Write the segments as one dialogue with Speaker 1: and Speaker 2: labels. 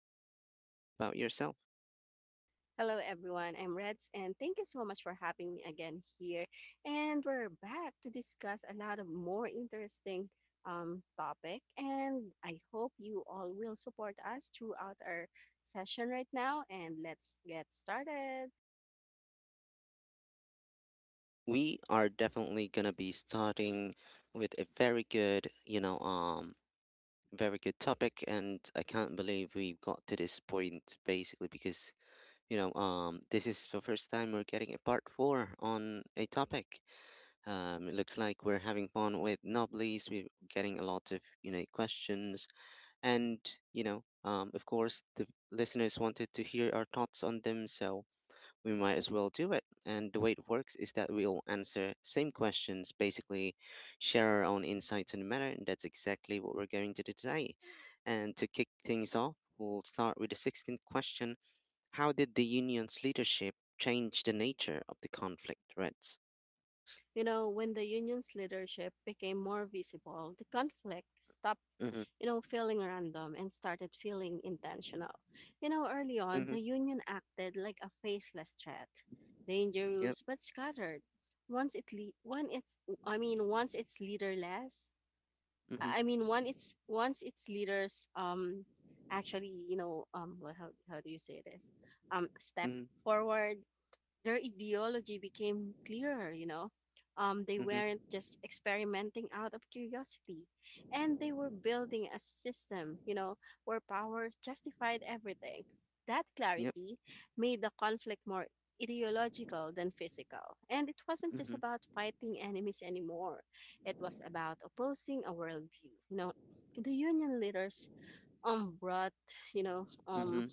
Speaker 1: Why don't you tell us a bit about yourself?
Speaker 2: Hello, everyone. I'm Reds, and thank you so much for having me again here. And we're back to discuss a lot of more interesting topic. And I hope you all will support us throughout our session right now. And let's get started.
Speaker 1: We are definitely gonna be starting with a very good, very good topic, and I can't believe we got to this point basically because this is the first time we're getting a part four on a topic. It looks like we're having fun with Nobblies. We're getting a lot of, you know, questions. And, of course, the listeners wanted to hear our thoughts on them, so we might as well do it. And the way it works is that we'll answer same questions, basically share our own insights on the matter, and that's exactly what we're going to do today. And to kick things off, we'll start with the 16th question: how did the union's leadership change the nature of the conflict threats?
Speaker 2: You know, when the union's leadership became more visible, the conflict stopped,
Speaker 1: Mm-hmm.
Speaker 2: you know, feeling random and started feeling intentional. You know, early on,
Speaker 1: Mm-hmm.
Speaker 2: the Union acted like a faceless threat,
Speaker 1: Yep.
Speaker 2: dangerous but scattered. Once it le- when it's I mean once it's leaderless,
Speaker 1: Mm-hmm.
Speaker 2: once its leaders well, how do you say this? Step
Speaker 1: Mm-hmm.
Speaker 2: forward, their ideology became clearer, you know. They
Speaker 1: Mm-hmm.
Speaker 2: weren't just experimenting out of curiosity, and they were building a system, you know, where power justified everything. That
Speaker 1: Yep.
Speaker 2: clarity made the conflict more ideological than physical. And it wasn't just
Speaker 1: Mm-hmm.
Speaker 2: about fighting enemies anymore, it was about opposing a worldview. You know, the union leaders brought, you know, um,
Speaker 1: Mm-hmm.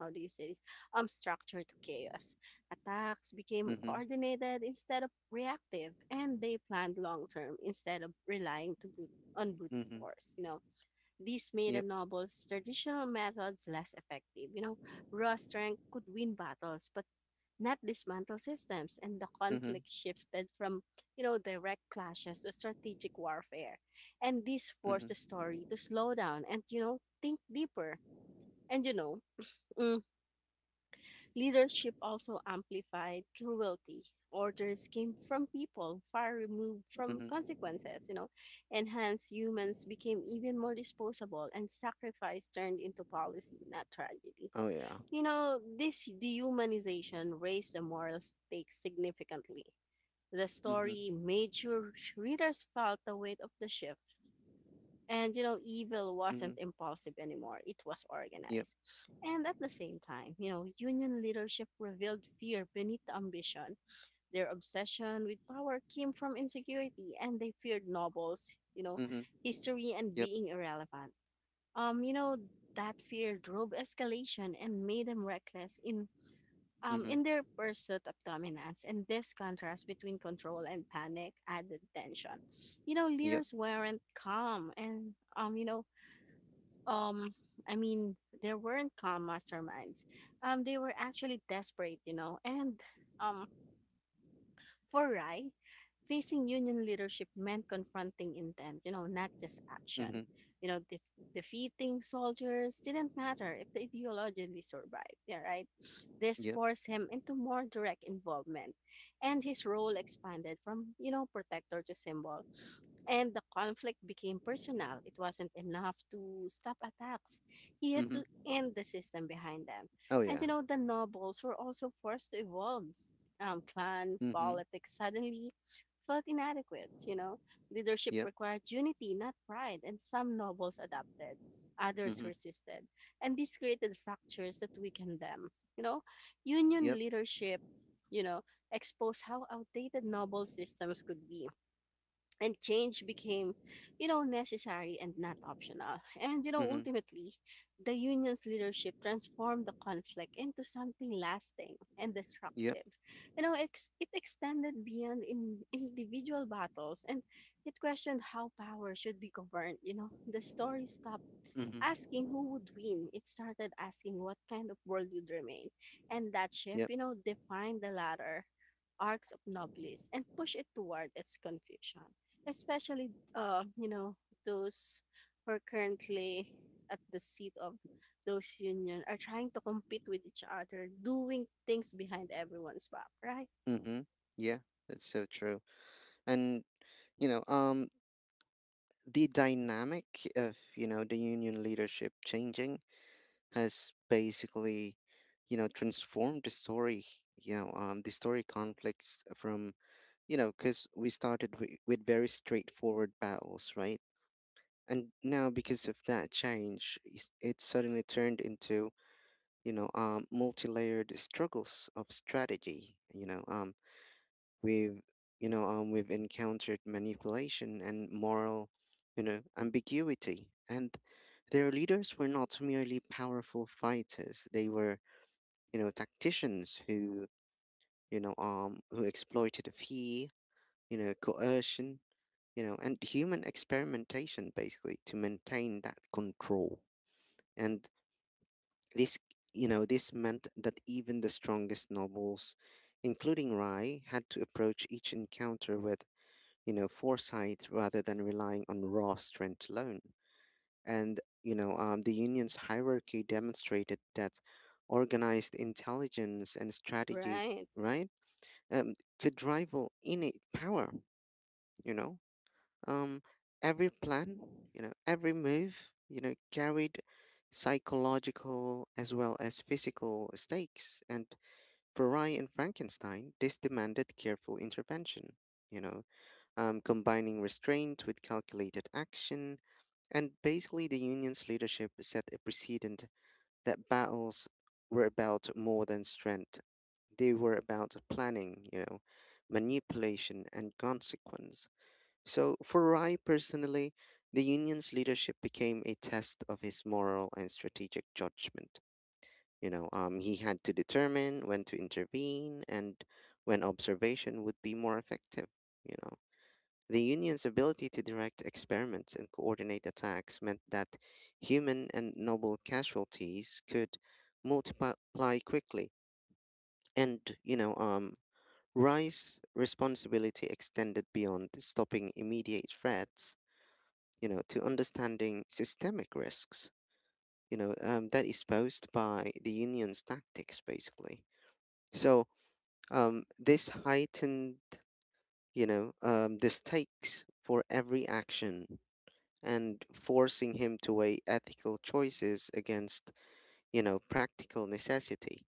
Speaker 2: how do you say this, structure to chaos. Attacks became
Speaker 1: Mm-hmm.
Speaker 2: coordinated instead of reactive, and they planned long term instead of on brute
Speaker 1: Mm-hmm.
Speaker 2: force. You know, this made
Speaker 1: Yep.
Speaker 2: the novel's traditional methods less effective. You know, raw strength could win battles, but not dismantle systems, and the
Speaker 1: Mm-hmm.
Speaker 2: conflict shifted from, you know, direct clashes to strategic warfare. And this forced the
Speaker 1: Mm-hmm.
Speaker 2: story to slow down and, you know, think deeper. And you know mm, Leadership also amplified cruelty. Orders came from people far removed from
Speaker 1: Mm-hmm.
Speaker 2: consequences, you know, and hence humans became even more disposable, and sacrifice turned into policy, not tragedy.
Speaker 1: Oh yeah.
Speaker 2: You know, this dehumanization raised the moral stakes significantly. The
Speaker 1: Mm-hmm.
Speaker 2: story made sure readers felt the weight of the shift, and, you know, evil wasn't
Speaker 1: Mm-hmm.
Speaker 2: impulsive anymore, it was
Speaker 1: Yep.
Speaker 2: organized. And at the same time, you know, union leadership revealed fear beneath the ambition. Their obsession with power came from insecurity, and they feared nobles, you know,
Speaker 1: Mm-hmm.
Speaker 2: history, and
Speaker 1: Yep.
Speaker 2: being irrelevant. You know, that fear drove escalation and made them reckless
Speaker 1: Mm-hmm.
Speaker 2: in their pursuit of dominance, and this contrast between control and panic added tension. You know,
Speaker 1: Yep.
Speaker 2: leaders weren't calm, and, um i mean there weren't calm masterminds, they were actually desperate, you know. And um for rai facing union leadership meant confronting intent, you know, not just
Speaker 1: Mm-hmm.
Speaker 2: action. you know def- Defeating soldiers didn't matter if the ideology survived, yeah, right. This
Speaker 1: Yep.
Speaker 2: forced him into more direct involvement, and his role expanded from, you know, protector to symbol, and the conflict became personal. It wasn't enough to stop attacks. He had to
Speaker 1: Mm-hmm.
Speaker 2: end the system behind them.
Speaker 1: Oh
Speaker 2: And,
Speaker 1: yeah.
Speaker 2: you know, the nobles were also forced to evolve. Clan
Speaker 1: Mm-hmm.
Speaker 2: politics suddenly felt inadequate, you know. Leadership
Speaker 1: Yep.
Speaker 2: required unity, not pride, and some nobles adapted, others
Speaker 1: Mm-hmm.
Speaker 2: resisted. And this created fractures that weakened them. You know, union
Speaker 1: Yep.
Speaker 2: leadership, you know, exposed how outdated noble systems could be, and change became, you know, necessary and not optional. And, you know,
Speaker 1: Mm-hmm.
Speaker 2: ultimately, the union's leadership transformed the conflict into something lasting and
Speaker 1: Yep.
Speaker 2: destructive. It extended beyond in individual battles, and it questioned how power should be governed. You know, the story stopped
Speaker 1: Mm-hmm.
Speaker 2: asking who would win. It started asking what kind of world would remain. And that shift,
Speaker 1: Yep.
Speaker 2: you know, defined the latter arcs of Noblis and pushed it toward its conclusion. Especially, you know, those who are currently at the seat of those union are trying to compete with each other, doing things behind everyone's back, right?
Speaker 1: Mm-hmm. Yeah. That's so true. And you know, um, the dynamic of you know the union leadership changing has basically you know transformed the story you know the story conflicts from you know because we started with very straightforward battles, right, and now because of that change it suddenly turned into you know multi-layered struggles of strategy, you know, um. We've, we've encountered manipulation and moral, you know, ambiguity. And their leaders were not merely powerful fighters. They were, you know, tacticians who, who exploited fear, you know, coercion, you know, and human experimentation basically to maintain that control. And this, you know, this meant that even the strongest nobles, including Rai, had to approach each encounter with you know foresight rather than relying on raw strength alone. And, the union's hierarchy demonstrated that organized intelligence and strategy,
Speaker 2: Right.
Speaker 1: right, could rival innate power, you know. Um, every plan, you know, every move, you know, carried psychological as well as physical stakes. And for Rye and Frankenstein, this demanded careful intervention, you know combining restraint with calculated action. And basically, the union's leadership set a precedent that battles were about more than strength. They were about planning, you know, manipulation, and consequence. So, for Rai personally, the union's leadership became a test of his moral and strategic judgment. He had to determine when to intervene and when observation would be more effective, you know. The Union's ability to direct experiments and coordinate attacks meant that human and noble casualties could multiply quickly, and Rice's responsibility extended beyond stopping immediate threats, you know, to understanding systemic risks, you know, that is posed by the Union's tactics, basically. So this heightened, the stakes for every action and forcing him to weigh ethical choices against, you know, practical necessity.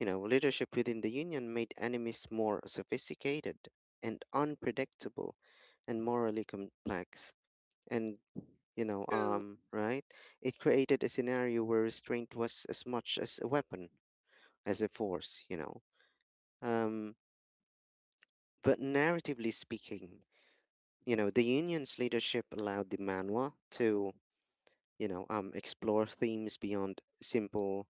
Speaker 1: You know, leadership within the union made enemies more sophisticated and unpredictable and morally complex. And,
Speaker 2: True,
Speaker 1: right? It created a scenario where restraint was as much as a weapon as a force, you know. Um, but narratively speaking, you know, the union's leadership allowed the manual to you know explore themes beyond simple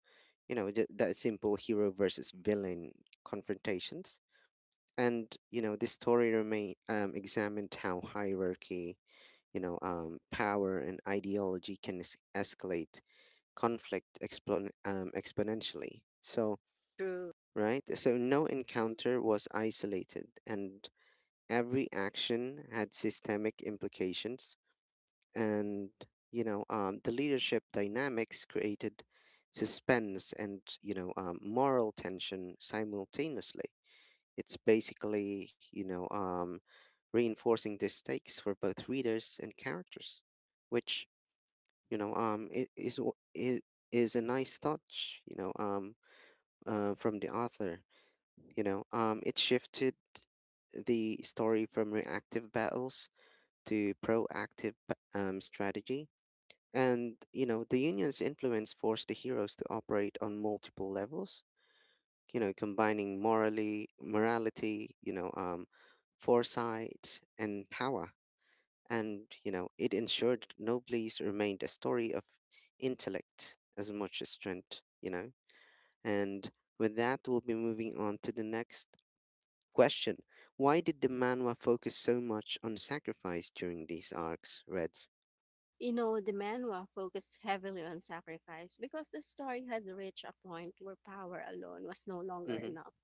Speaker 1: you know that simple hero versus villain confrontations, and you know this story remain examined how hierarchy you know power and ideology can escalate conflict exponentially so,
Speaker 2: true.
Speaker 1: right, so no encounter was isolated and every action had systemic implications, and you know the leadership dynamics created suspense and you know moral tension simultaneously, it's basically you know reinforcing the stakes for both readers and characters, which you know is a nice touch, you know from the author, you know it shifted the story from reactive battles to proactive strategy, and, you know, the union's influence forced the heroes to operate on multiple levels, you know, combining morality, you know, foresight and power. And, you know, it ensured Noblesse remained a story of intellect as much as strength, you know. And with that, we'll be moving on to the next question. Why did the manhwa focus so much on sacrifice during these arcs, Reds?
Speaker 2: You know, the manhwa focused heavily on sacrifice because the story had reached a point where power alone was no longer
Speaker 1: Mm-hmm,
Speaker 2: enough.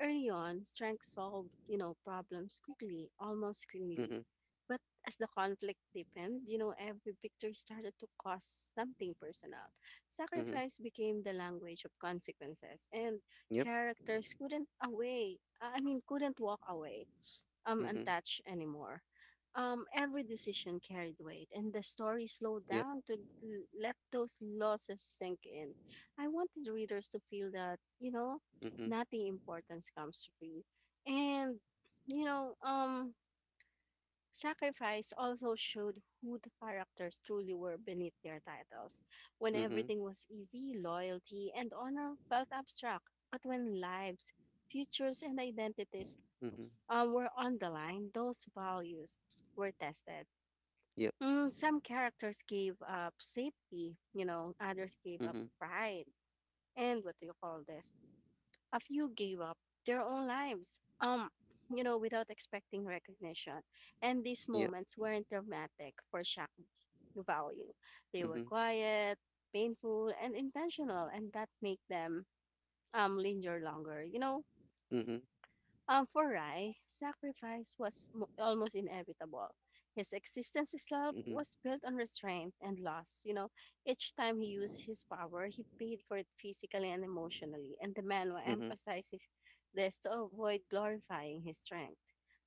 Speaker 2: Early on, strength solved, you know, problems quickly, almost cleanly.
Speaker 1: mm-hmm,
Speaker 2: But as the conflict deepened, you know, every victory started to cost something personal.
Speaker 1: mm-hmm.
Speaker 2: Sacrifice became the language of consequences, and
Speaker 1: Yep,
Speaker 2: characters couldn't away, I mean, couldn't walk away
Speaker 1: mm-hmm,
Speaker 2: untouched anymore. Every decision carried weight, and the story slowed
Speaker 1: yep,
Speaker 2: down to let those losses sink in. I wanted readers to feel that, you know,
Speaker 1: mm-hmm.
Speaker 2: nothing important comes free. And, you know, um, Sacrifice also showed who the characters truly were beneath their titles. When
Speaker 1: Mhm,
Speaker 2: everything was easy, loyalty and honor felt abstract, but when lives, futures, and identities
Speaker 1: mhm,
Speaker 2: were on the line, those values were tested.
Speaker 1: yep,
Speaker 2: Mm, some characters gave up safety, you know, others gave up
Speaker 1: mhm,
Speaker 2: pride, and what do you call this? A few gave up their own lives, you know, without expecting recognition. And these
Speaker 1: yep,
Speaker 2: moments weren't dramatic for shock value. They were
Speaker 1: mhm,
Speaker 2: quiet, painful, and intentional, and that make them linger longer. You know,
Speaker 1: mhm,
Speaker 2: um, for Rai, sacrifice was almost inevitable. His existence itself
Speaker 1: mhm,
Speaker 2: was built on restraint and loss. You know, each time he used his power, he paid for it physically and emotionally, and the manual
Speaker 1: mhm.
Speaker 2: emphasizes this to avoid glorifying his strength.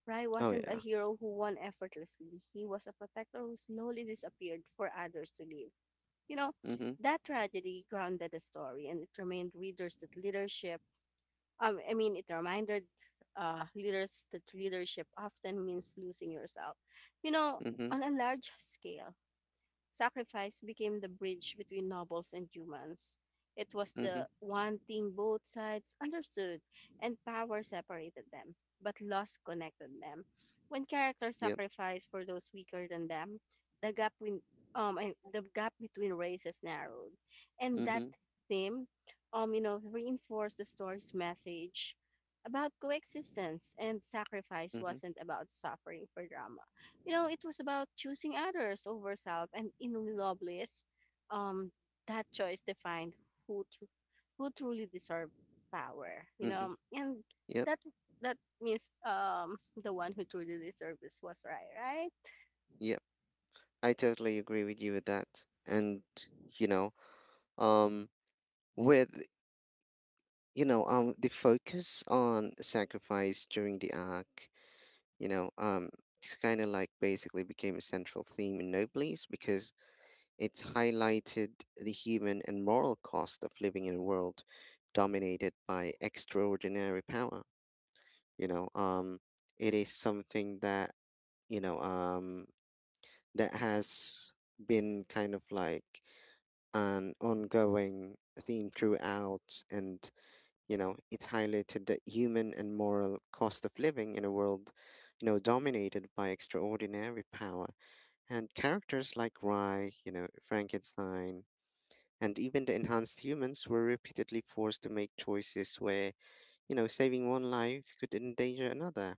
Speaker 2: Rai
Speaker 1: Oh
Speaker 2: wasn't a
Speaker 1: yeah.
Speaker 2: hero who won effortlessly. He was a protector who slowly disappeared for others to live. You know,
Speaker 1: Mhm,
Speaker 2: that tragedy grounded the story, and it remained readers that leadership I mean, it reminded leaders that leadership often means losing yourself. You know,
Speaker 1: mhm,
Speaker 2: on a large scale, sacrifice became the bridge between nobles and humans. It was
Speaker 1: mhm,
Speaker 2: the one thing both sides understood, and power separated them, but loss connected them. When characters
Speaker 1: yep,
Speaker 2: sacrificed for those weaker than them, the gap between and the gap between races narrowed, and that
Speaker 1: mhm,
Speaker 2: theme, you know, reinforced the story's message about coexistence. And sacrifice
Speaker 1: mhm,
Speaker 2: wasn't about suffering for drama, you know, it was about choosing others over self, and in Loveless, um, that choice defined who tr- who truly deserve power. You
Speaker 1: mhm,
Speaker 2: know, and
Speaker 1: yep,
Speaker 2: that, that means, um, the one who truly deserved this was right, right,
Speaker 1: yep. I totally agree with you with that. And you know, um, with the focus on sacrifice during the arc, you know, um, it's kind of like basically became a central theme in Noblesse because it highlighted the human and moral cost of living in a world dominated by extraordinary power. You know, um, it is something that, you know, um, that has been kind of like an ongoing theme throughout. And, you know, it highlighted the human and moral cost of living in a world, you know, dominated by extraordinary power. And characters like Rai, you know, Frankenstein, and even the enhanced humans were repeatedly forced to make choices where you know saving one life could endanger another,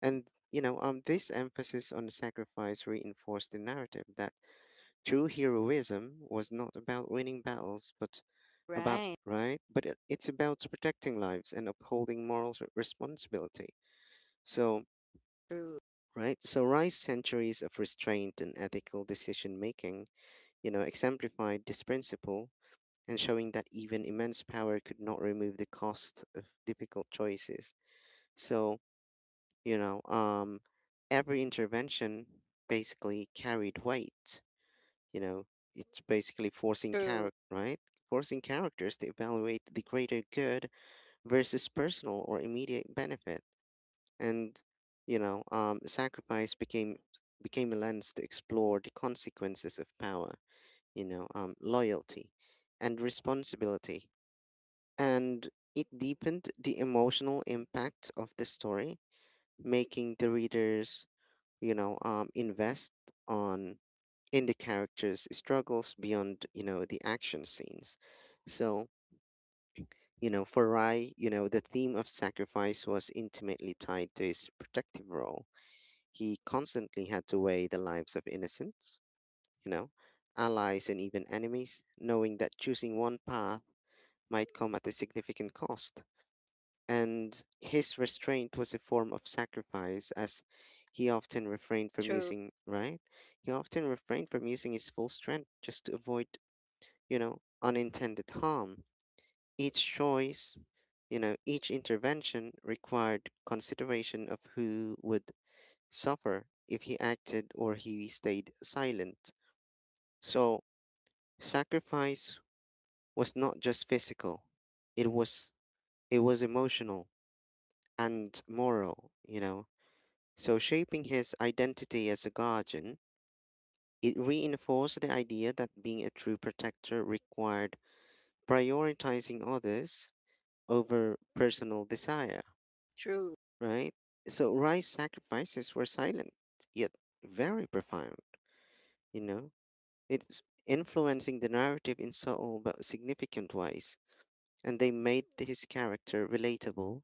Speaker 1: and you know this emphasis on sacrifice reinforced the narrative that true heroism was not about winning battles but about
Speaker 2: right,
Speaker 1: right but it's about protecting lives and upholding moral responsibility, so
Speaker 2: true,
Speaker 1: right, so Rice's centuries of restraint and ethical decision making you know exemplified this principle and showing that even immense power could not remove the cost of difficult choices. So, you know, um, every intervention basically carried weight. You know, it's basically forcing
Speaker 2: true,
Speaker 1: character, right? Forcing characters to evaluate the greater good versus personal or immediate benefit, and you know, sacrifice became became a lens to explore the consequences of power. You know, loyalty and responsibility, and it deepened the emotional impact of the story, making the readers, you know, invest on in the characters' struggles beyond, you know, the action scenes. So, you know, for Rai, you know, the theme of sacrifice was intimately tied to his protective role. He constantly had to weigh the lives of innocents, you know, allies and even enemies, knowing that choosing one path might come at a significant cost. And his restraint was a form of sacrifice as he often refrained from
Speaker 2: true,
Speaker 1: using right he often refrained from using his full strength just to avoid you know unintended harm. Each choice, you know, each intervention required consideration of who would suffer if he acted or he stayed silent. So sacrifice was not just physical, it was emotional and moral, you know. So, shaping his identity as a guardian, it reinforced the idea that being a true protector required prioritizing others over personal desire,
Speaker 2: true,
Speaker 1: right? So, Rye's sacrifices were silent, yet very profound, you know? It's influencing the narrative in subtle but significant ways, and they made his character relatable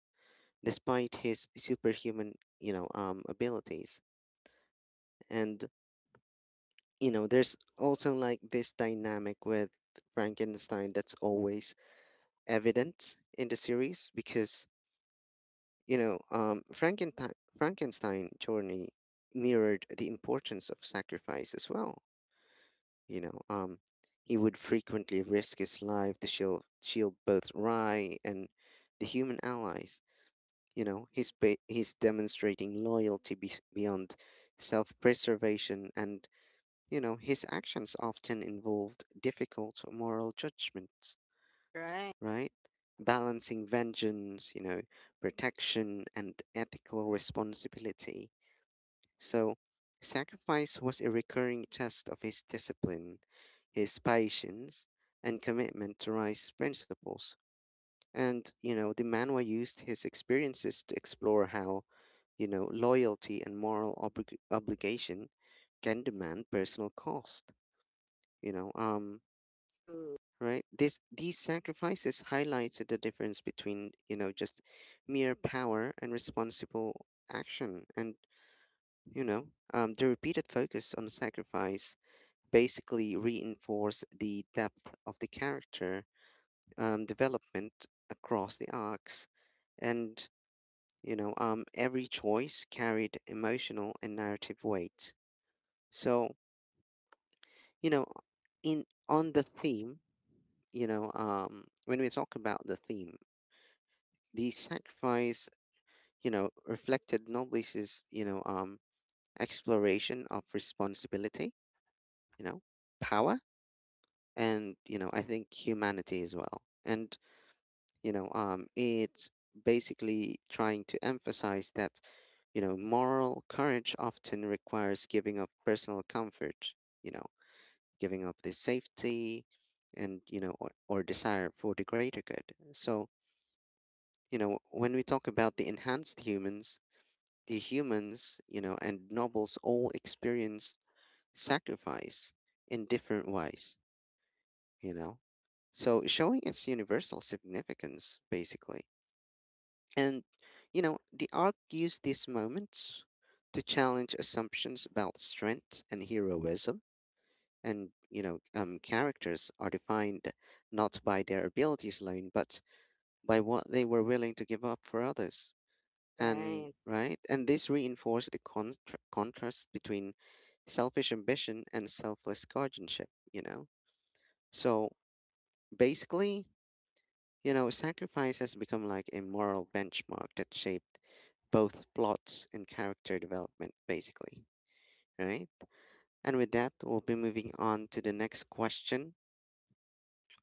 Speaker 1: despite his superhuman, you know, abilities. And you know, there's also like this dynamic with Frankenstein that's always evident in the series because, you know, Frankenstein journey mirrored the importance of sacrifice as well. You know, um, he would frequently risk his life to shield both Rye and the human allies. You know, he's demonstrating loyalty beyond self preservation. And you know, his actions often involved difficult moral judgments,
Speaker 2: right,
Speaker 1: right? Balancing vengeance, you know, protection, and ethical responsibility. So, sacrifice was a recurring test of his discipline, his patience, and commitment to rice principles. And, you know, the manwa used his experiences to explore how, you know, loyalty and moral obligation can demand personal cost. You know,
Speaker 2: true,
Speaker 1: right, this these sacrifices highlighted the difference between you know just mere power and responsible action, and you know the repeated focus on sacrifice basically reinforced the depth of the character development across the arcs, and you know every choice carried emotional and narrative weight. So you know in on the theme, you know when we talk about the theme, the sacrifice, you know, reflected Noblis's, you know, exploration of responsibility, you know, power, and you know, I think humanity as well. And it's basically trying to emphasize that you know, moral courage often requires giving up personal comfort, you know, giving up this safety, and you know, or desire for the greater good. So when we talk about the enhanced humans , the humans, and nobles all experience sacrifice in different ways, you know? So showing its universal significance, basically. And, the arc used these moments to challenge assumptions about strength and heroism. And, characters are defined not by their abilities alone, but by what they were willing to give up for others. And
Speaker 2: right.
Speaker 1: right. And this reinforced the contrast between selfish ambition and selfless guardianship. So basically, sacrifice has become like a moral benchmark that shaped both plots and character development. Basically, right. And with that, we'll be moving on to the next question,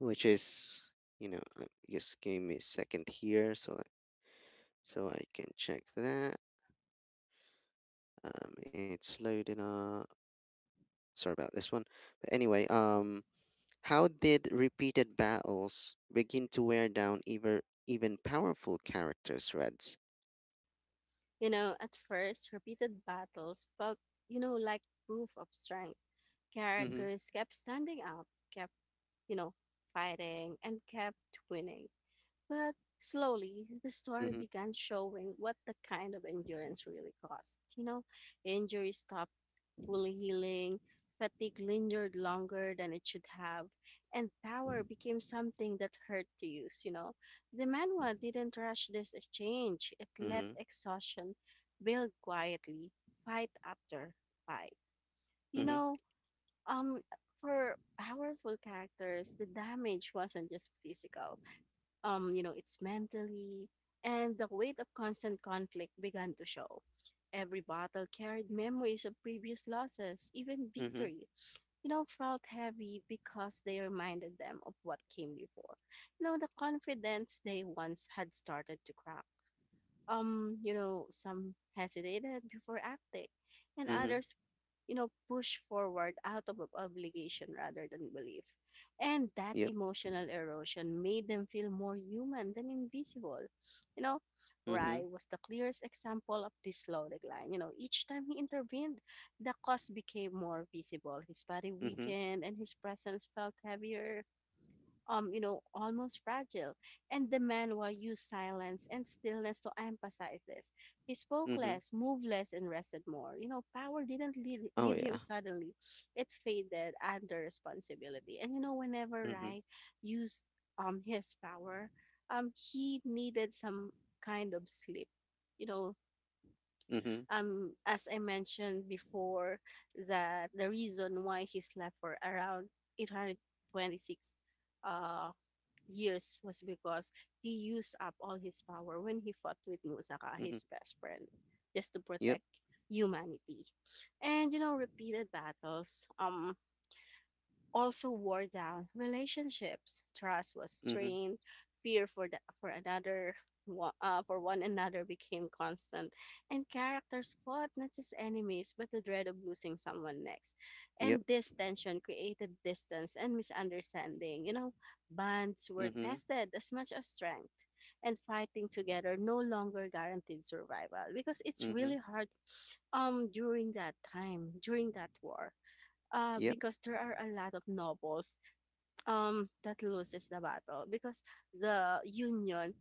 Speaker 1: which is, just give me a second here so that I can check that, it's loaded up. Sorry about this one. But anyway, how did repeated battles begin to wear down even powerful character threads?
Speaker 2: You know, at first, repeated battles felt, you know, like proof of strength.
Speaker 1: Mhm,
Speaker 2: Characters kept standing out, kept, you know, fighting and kept winning. But slowly, the story
Speaker 1: mhm,
Speaker 2: began showing what the kind of endurance really cost. You know, injury stopped fully healing, fatigue lingered longer than it should have, and power became something that hurt to use, you know. The manhwa didn't rush this exchange. It let
Speaker 1: mhm,
Speaker 2: exhaustion build quietly, fight after fight. You
Speaker 1: mhm,
Speaker 2: know, um, for powerful characters, the damage wasn't just physical. You know, it's mentally, and the weight of constant conflict began to show. Every battle carried memories of previous losses, even
Speaker 1: mhm,
Speaker 2: victory, you know, felt heavy because they reminded them of what came before. You know, the confidence they once had started to crack. You know, some hesitated before acting, and
Speaker 1: mhm.
Speaker 2: others, you know, push forward out of obligation rather than belief. And that
Speaker 1: Yep.
Speaker 2: emotional erosion made them feel more human than invisible. You know,
Speaker 1: Mhm,
Speaker 2: Rai was the clearest example of this slow decline. You know, each time he intervened, the cause became more visible. His body
Speaker 1: mhm,
Speaker 2: weakened and his presence felt heavier, you know, almost fragile. And the manhwa used silence and stillness to emphasize this. He spoke
Speaker 1: mhm.
Speaker 2: less, moved less, and rested more. You know, power didn't
Speaker 1: Oh
Speaker 2: leave him
Speaker 1: yeah.
Speaker 2: suddenly. It faded under responsibility. And, you know, whenever
Speaker 1: Mhm,
Speaker 2: Rai used his power, he needed some kind of sleep. You know,
Speaker 1: mhm,
Speaker 2: as I mentioned before, that the reason why he slept for around 826 uh years was because he used up all his power when he fought with Musaka,
Speaker 1: mhm.
Speaker 2: his best friend, just to
Speaker 1: Yep.
Speaker 2: protect humanity. And, you know, repeated battles also wore down relationships. Trust was
Speaker 1: Mhm,
Speaker 2: strained. Fear for the, for another wa- for one another became constant, and characters fought not just enemies but the dread of losing someone next.
Speaker 1: yep.
Speaker 2: And this tension created distance and misunderstanding. You know, bonds were
Speaker 1: Mhm,
Speaker 2: tested as much as strength, and fighting together no longer guaranteed survival, because it's
Speaker 1: mhm.
Speaker 2: really hard during that war.
Speaker 1: Yep.
Speaker 2: Because there are a lot of nobles that loses the battle because the union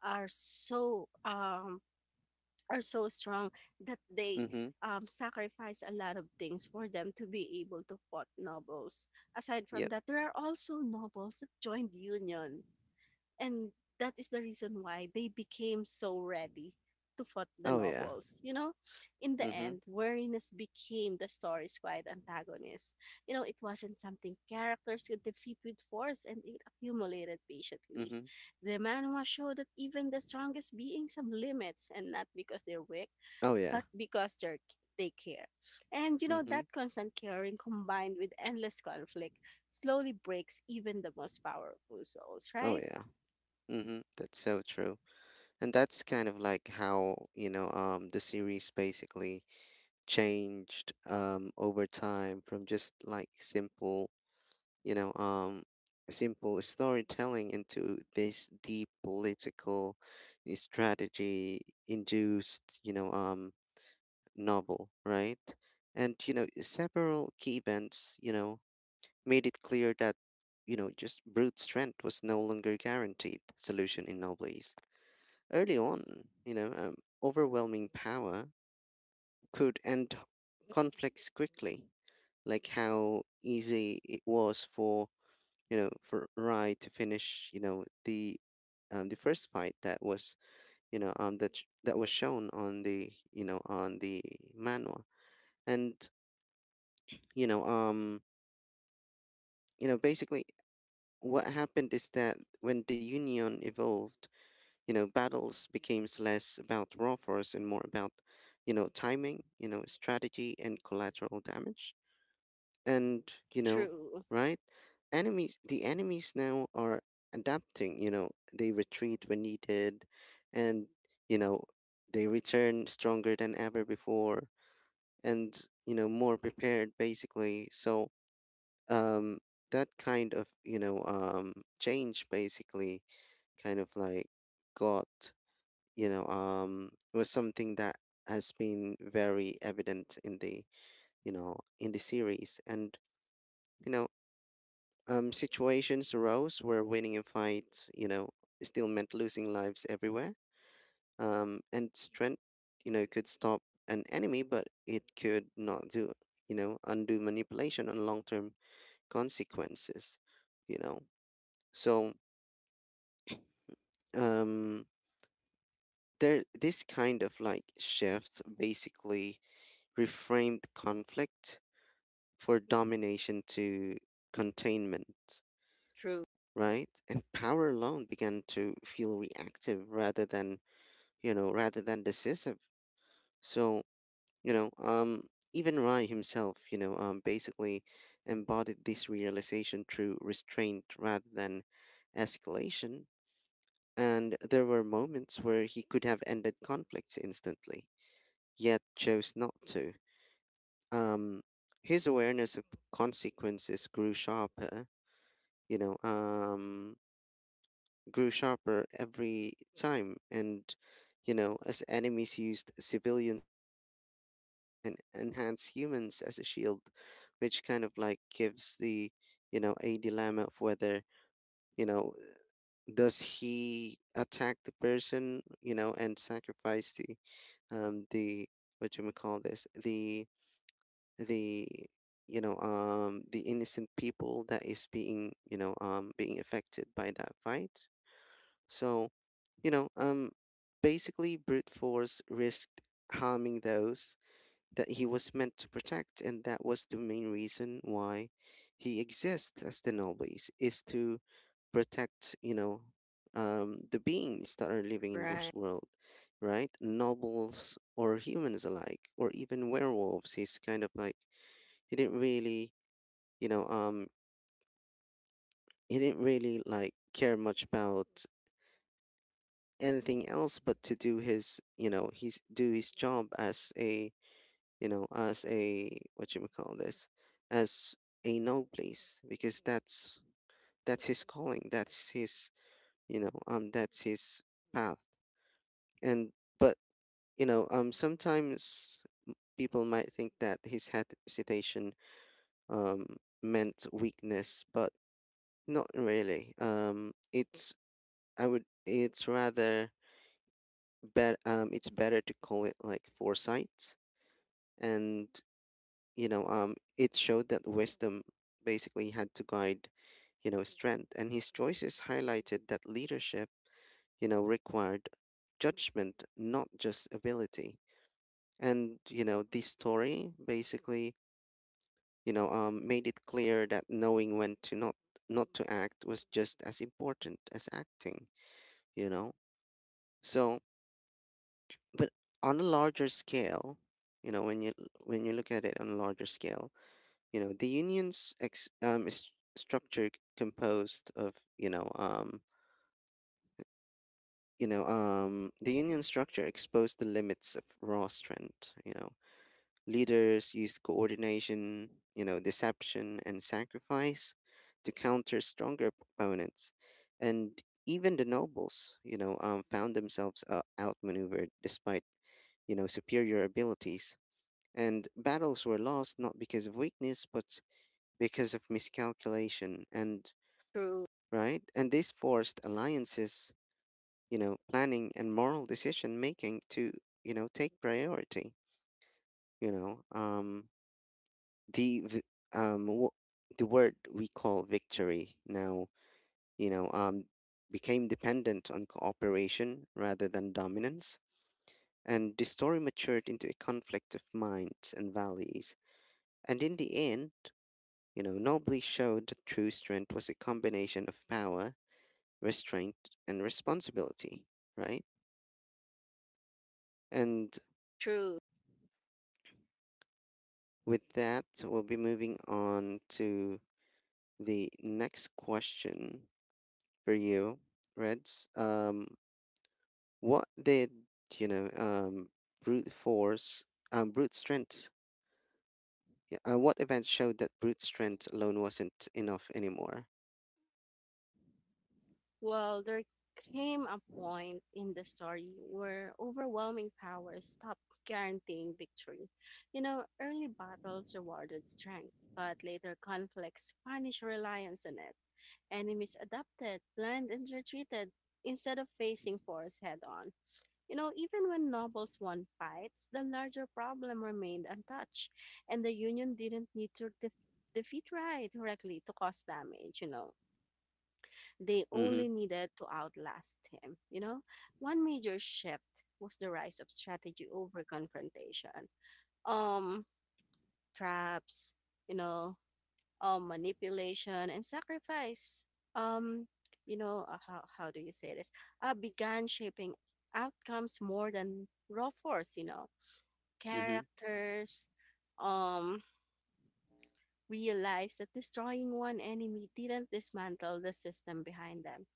Speaker 2: are so um, are so strong that they,
Speaker 1: Mhm,
Speaker 2: sacrifice a lot of things for them to be able to fought nobles. Aside from
Speaker 1: yep.
Speaker 2: that, there are also nobles that joined union, and that is the reason why they became so ready to fight the
Speaker 1: Oh yeah.
Speaker 2: nobles. You know, in the
Speaker 1: Mhm,
Speaker 2: end, weariness became the story's quiet antagonist. You know, it wasn't something characters could defeat with force, and it accumulated patiently.
Speaker 1: mhm.
Speaker 2: The manhwa showed that even the strongest beings have limits, and not because they're weak,
Speaker 1: Oh yeah.
Speaker 2: but because they care. And, you know,
Speaker 1: Mhm.
Speaker 2: that constant caring combined with endless conflict slowly breaks even the most powerful souls,
Speaker 1: Oh
Speaker 2: right?
Speaker 1: yeah. Mhm. That's so true. And that's kind of like how, the series basically changed, over time, from just like simple, you know, um, simple storytelling into this deep political, strategy induced, novel, right? And, several key events, made it clear that, just brute strength was no longer guaranteed solution in novelties. Early on, you know, um, overwhelming power could end conflicts quickly, like how easy it was for Rai to finish, the, first fight that was, that was shown on the manhwa, and you know, um, you know, basically, what happened is that when the Union evolved, battles became less about raw force and more about, timing, strategy, and collateral damage. And, you know,
Speaker 2: True,
Speaker 1: right? The enemies now are adapting, they retreat when needed, and, you know, they return stronger than ever before, and, more prepared basically. So, um, that kind of, change basically, kind of like got you know was something that has been very evident in the, you know in the series. And, you know situations arose where winning a fight, still meant losing lives everywhere. And strength, could stop an enemy, but it could not do you know undo manipulation on long-term consequences. You know so um there this kind of like shift basically reframed conflict for domination to containment,
Speaker 2: true,
Speaker 1: right? And power alone began to feel reactive rather than decisive. So, you know, um, even Rai himself, basically embodied this realization through restraint rather than escalation. And there were moments where he could have ended conflicts instantly, yet chose not to. Um, his awareness of consequences you know, um, grew sharper every time. And, as enemies used civilians sometimes as well, and enhance humans as a shield, which kind of like gives a dilemma of whether, you know, does he attack the person, and sacrifice the, what you may call this, the, the innocent people that is being, being affected by that fight. So, you know, um, basically, brute force risked harming those that he was meant to protect, and that was the main reason why he exists as the nobles: is to protect, the beings that are living in
Speaker 2: right.
Speaker 1: this world, right? Nobles or humans alike, or even werewolves. He's kind of like, he didn't really, you know, um, like care much about anything else but to do his, job as a, what you may call this, as a no place, because that's his calling, that's his, that's his path. And but, sometimes people might think that his hesitation, um meant weakness, but not really. It's, I would it's rather, bet it's better to call it like foresight. And, it showed that wisdom basically had to guide, strength, and his choices highlighted that leadership, required judgment, not just ability. And, this story basically, made it clear that knowing when to not to act was just as important as acting. You know so but on a larger scale, you know when you when you look at it on a larger scale, You know, the union's ex- is composed of, you know, the union structure exposed the limits of raw strength. Leaders used coordination, deception, and sacrifice to counter stronger opponents, and even the nobles, found themselves, outmaneuvered despite, superior abilities. And battles were lost not because of weakness, but because of miscalculation, and
Speaker 2: True,
Speaker 1: right? And this forced alliances, planning, and moral decision making to, take priority. You know, um, the v- um, w- the word we call victory now, you know, um, became dependent on cooperation rather than dominance, and the story matured into a conflict of minds and values. And in the end, nobly showed that true strength was a combination of power, restraint, and responsibility, right? And
Speaker 2: true.
Speaker 1: with that, we'll be moving on to the next question for you, Reds. What did you know? Brute force, brute strength. Yeah, what event showed that brute strength alone wasn't enough anymore?
Speaker 2: Well, there came a point in the story where overwhelming power stopped guaranteeing victory. You know, early battles rewarded strength, but later conflicts punished reliance on it. Enemies adapted, planned, and retreated instead of facing force head on. Even when nobles won fights, the larger problem remained untouched, and the Union didn't need to defeat Rai directly to cause damage. They
Speaker 1: Mhm.
Speaker 2: only needed to outlast him. One major shift was the rise of strategy over confrontation. Um, Traps, you know, manipulation and sacrifice. Um, how do you say this? Began shaping outcomes more than raw force, you know
Speaker 1: Mhm.
Speaker 2: characters, um, realized that destroying one enemy didn't dismantle the system behind them.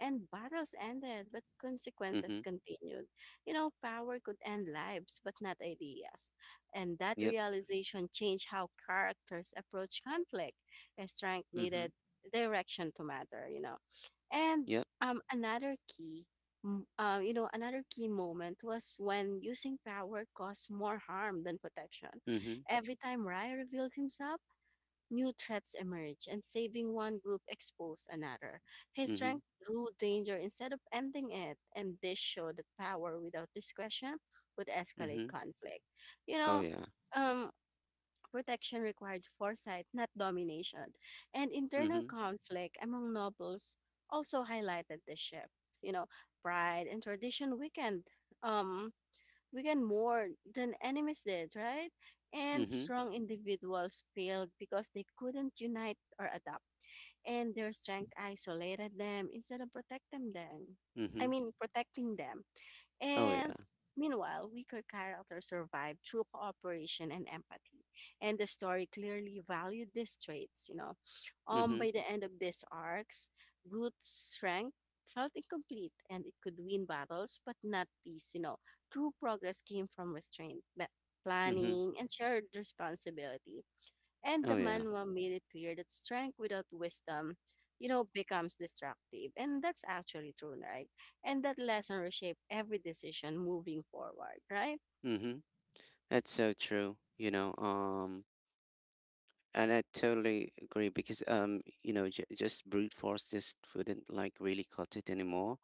Speaker 2: And battles ended, but consequences
Speaker 1: Mhm.
Speaker 2: continued. Power could end lives, but not ideas. And that
Speaker 1: Yep.
Speaker 2: realization changed how characters approach conflict. A strength
Speaker 1: Mhm.
Speaker 2: needed direction to matter. And
Speaker 1: Yep.
Speaker 2: um, another key, another key moment was when using power caused more harm than protection.
Speaker 1: Mhm.
Speaker 2: Every time Rai revealed himself, new threats emerge, and saving one group exposed another. His
Speaker 1: Mhm.
Speaker 2: strength drew danger instead of ending it, and this showed that power without discretion would escalate
Speaker 1: Mhm.
Speaker 2: conflict. You
Speaker 1: Oh
Speaker 2: know,
Speaker 1: yeah.
Speaker 2: um, Protection required foresight, not domination, and internal
Speaker 1: Mhm.
Speaker 2: conflict among nobles also highlighted the shift. You know, Pride and tradition weakened. Um, we weakened more than enemies did, right? And
Speaker 1: Mhm.
Speaker 2: strong individuals failed because they couldn't unite or adapt, and their strength isolated them instead of protecting them. I
Speaker 1: Mhm.
Speaker 2: mean, protecting them.
Speaker 1: Oh
Speaker 2: And
Speaker 1: yeah.
Speaker 2: meanwhile, weaker characters survive through cooperation and empathy. And the story clearly valued these traits.
Speaker 1: Mhm.
Speaker 2: By the end of these arcs, Ruth's strength felt incomplete, and it could win battles but not peace. True progress came from restraint,
Speaker 1: Mhm.
Speaker 2: planning, and shared responsibility, and the
Speaker 1: Oh yeah.
Speaker 2: manual made it clear that strength without wisdom becomes destructive. And that's actually true, right? And that lesson reshaped every decision moving forward, right?
Speaker 1: Mhm. That's so true. And I totally agree, because, just brute force just wouldn't like really cut it anymore.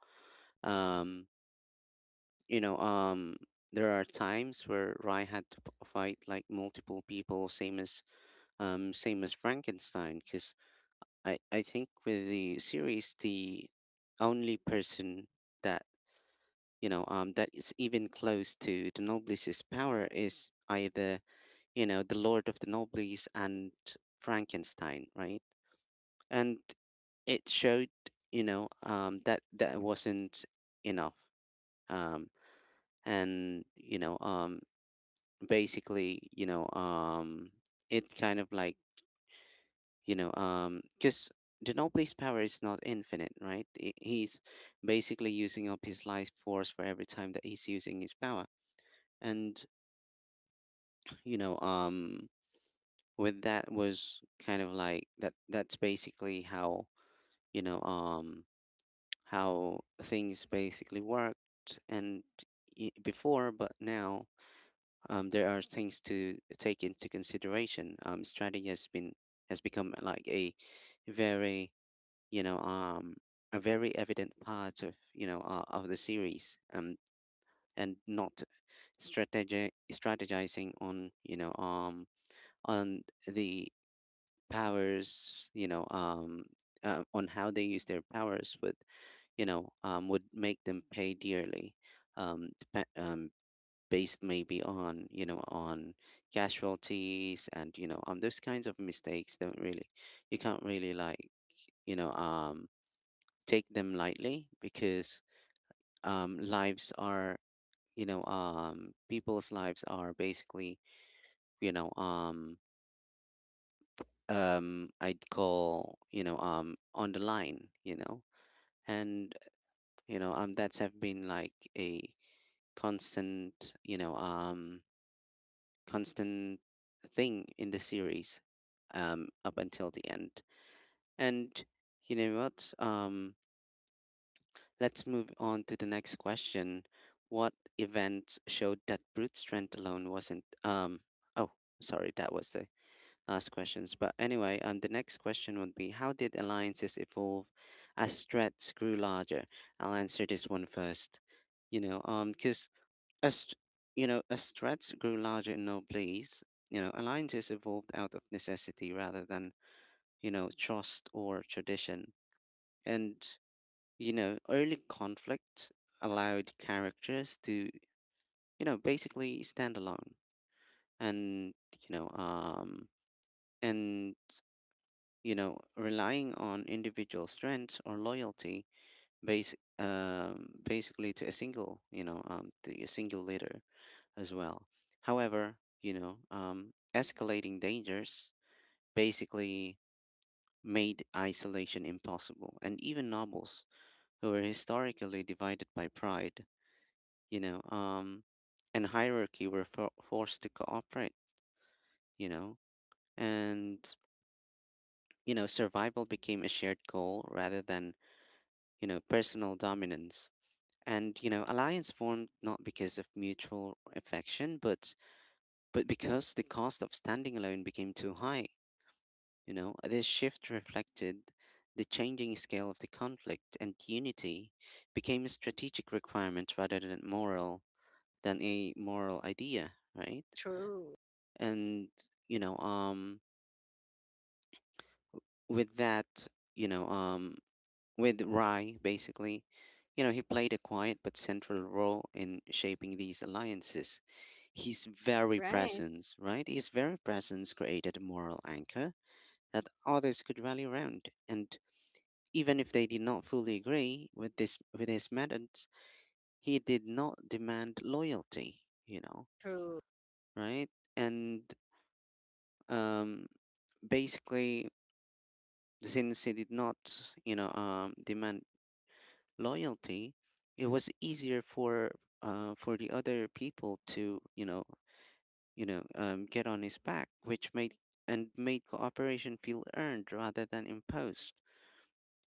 Speaker 1: Um, you know, um, there are times where Rai had to fight like multiple people, same as Frankenstein. Because I think with the series, the only person that you know that is even close to the Noblesse's power is either, The Lord of the Nobles and Frankenstein, right? And it showed, that wasn't enough. Um, and, basically, it kind of like, because the Nobles' power is not infinite, right? He's basically using up his life force for every time that he's using his power. And, you know, um, with that was kind of like that. That's basically how, you know um things basically worked. And, before, but now, there are things to take into consideration. Strategy has become, like a very, you know um a very evident part of, the series, and not, strategizing on, on the powers, on how they use their powers, but, would make them pay dearly, um, depe- um, based maybe on, casualties, and, those kinds of mistakes don't really, you can't really like, you know, um, take them lightly, because, lives are, people's lives are basically, you know, um, I'd call, on the line, and, that's have been like a constant, you know, um, constant thing in the series, up until the end. And you know what? Let's move on to the next question. What event showed that brute strength alone wasn't? Oh, sorry, that was the last questions. But anyway, the next question would be: How did alliances evolve as threats grew larger? I'll answer this one first. You know, because As you know, as threats grew larger in noblesse, alliances evolved out of necessity rather than, trust or tradition. And, early conflict allowed characters to, basically stand alone, and, you know, um and relying on individual strength or loyalty, base basically to a single, you know, the a single leader, as well. However, escalating dangers basically made isolation impossible, and even nobles, who were historically divided by pride, you know, um, and hierarchy, were forced to cooperate. You know, and, survival became a shared goal rather than, personal dominance. And, alliance formed not because of mutual affection, but because the cost of standing alone became too high. This shift reflected the changing scale of the conflict, and unity became a strategic requirement rather than a moral idea, right?
Speaker 2: True,
Speaker 1: And you know, with that, you know, um, with Rai, basically, you know, he played a quiet but central role in shaping these alliances. His very
Speaker 2: right?
Speaker 1: presence, right? His very presence created a moral anchor that others could rally around, and even if they did not fully agree with this with his methods, he did not demand loyalty, you know,
Speaker 2: True,
Speaker 1: right? And um, basically, since he did not, demand loyalty, it was easier for the other people to, get on his back, which made and made cooperation feel earned rather than imposed,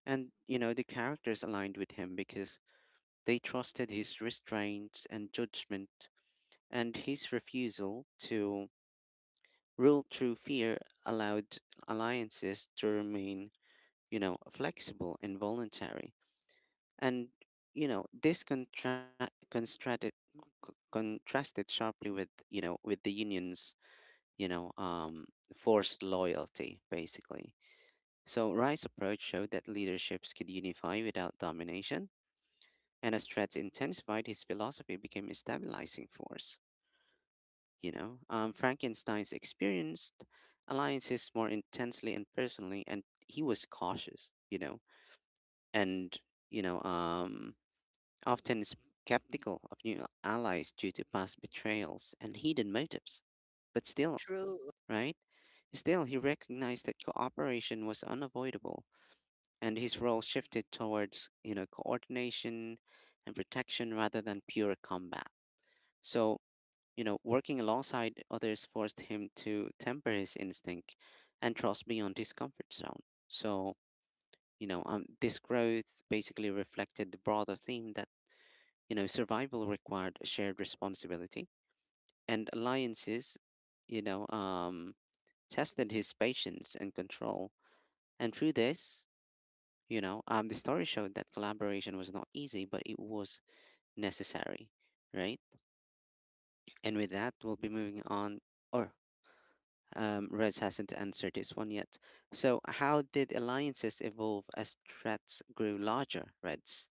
Speaker 1: and you know the characters aligned with him because they trusted his restraint and judgment, and his refusal to rule through fear allowed alliances to remain, you know, flexible and voluntary. And, you know, this contrasted sharply with, you know, with the union's, you know, um, forced loyalty, basically. So Rice's approach showed that leaderships could unify without domination, and as threats intensified, his philosophy became a stabilizing force. Frankenstein's experienced alliances more intensely and personally, and he was cautious. And you know, um, often skeptical of new allies due to past betrayals and hidden motives. But still,
Speaker 2: true.
Speaker 1: right? Still, he recognized that cooperation was unavoidable, and his role shifted towards, you know, coordination and protection rather than pure combat. So you know, working alongside others forced him to temper his instinct and trust beyond his comfort zone. So, this growth basically reflected the broader theme that, you know, survival required shared responsibility and alliances, you know, um, tested his patience and control. And through this, the story showed that collaboration was not easy, but it was necessary, right? And with that, we'll be moving on. Or Rez hasn't answered this one yet. So, how did alliances evolve as threats grew larger, Reds?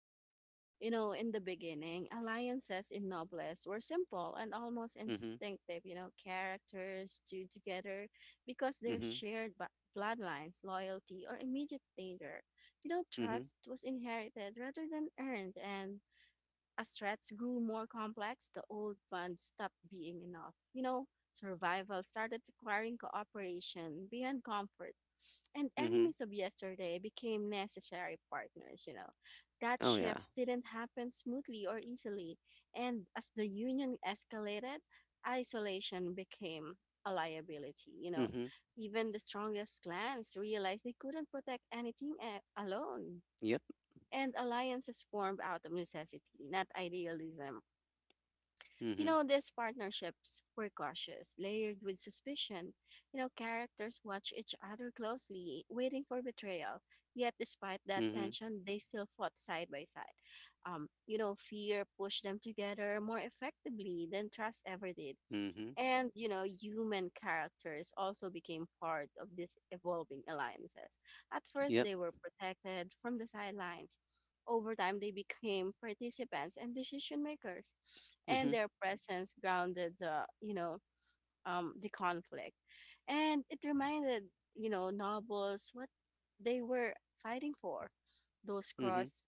Speaker 2: In the beginning, alliances in Nobles were simple and almost
Speaker 1: Mm-hmm.
Speaker 2: instinctive. Characters stood together because their
Speaker 1: Mm-hmm.
Speaker 2: shared bloodlines, loyalty, or immediate danger.
Speaker 1: Mm-hmm.
Speaker 2: Trust was inherited rather than earned, and as threats grew more complex, the old bond stopped being enough. Survival started requiring cooperation beyond comfort, and
Speaker 1: Mm-hmm.
Speaker 2: enemies of yesterday became necessary partners. That
Speaker 1: Oh yeah.
Speaker 2: shift didn't happen smoothly or easily, and as the union escalated, isolation became a liability.
Speaker 1: Mm-hmm.
Speaker 2: Even the strongest clans realized they couldn't protect anything alone,
Speaker 1: Yep.
Speaker 2: and alliances formed out of necessity, not idealism.
Speaker 1: Mm-hmm.
Speaker 2: These partnerships were cautious, layered with suspicion. Characters watch each other closely, waiting for betrayal. Yet, despite that
Speaker 1: Mm-hmm.
Speaker 2: tension, they still fought side by side. Fear pushed them together more effectively than trust ever did.
Speaker 1: Mm-hmm.
Speaker 2: And human characters also became part of these evolving alliances. At first,
Speaker 1: Yep.
Speaker 2: they were protected from the sidelines. Over time, they became participants and decision makers, and
Speaker 1: Mm-hmm.
Speaker 2: their presence grounded the conflict. And it reminded nobles what they were fighting for. Those
Speaker 1: Mm-hmm.
Speaker 2: cross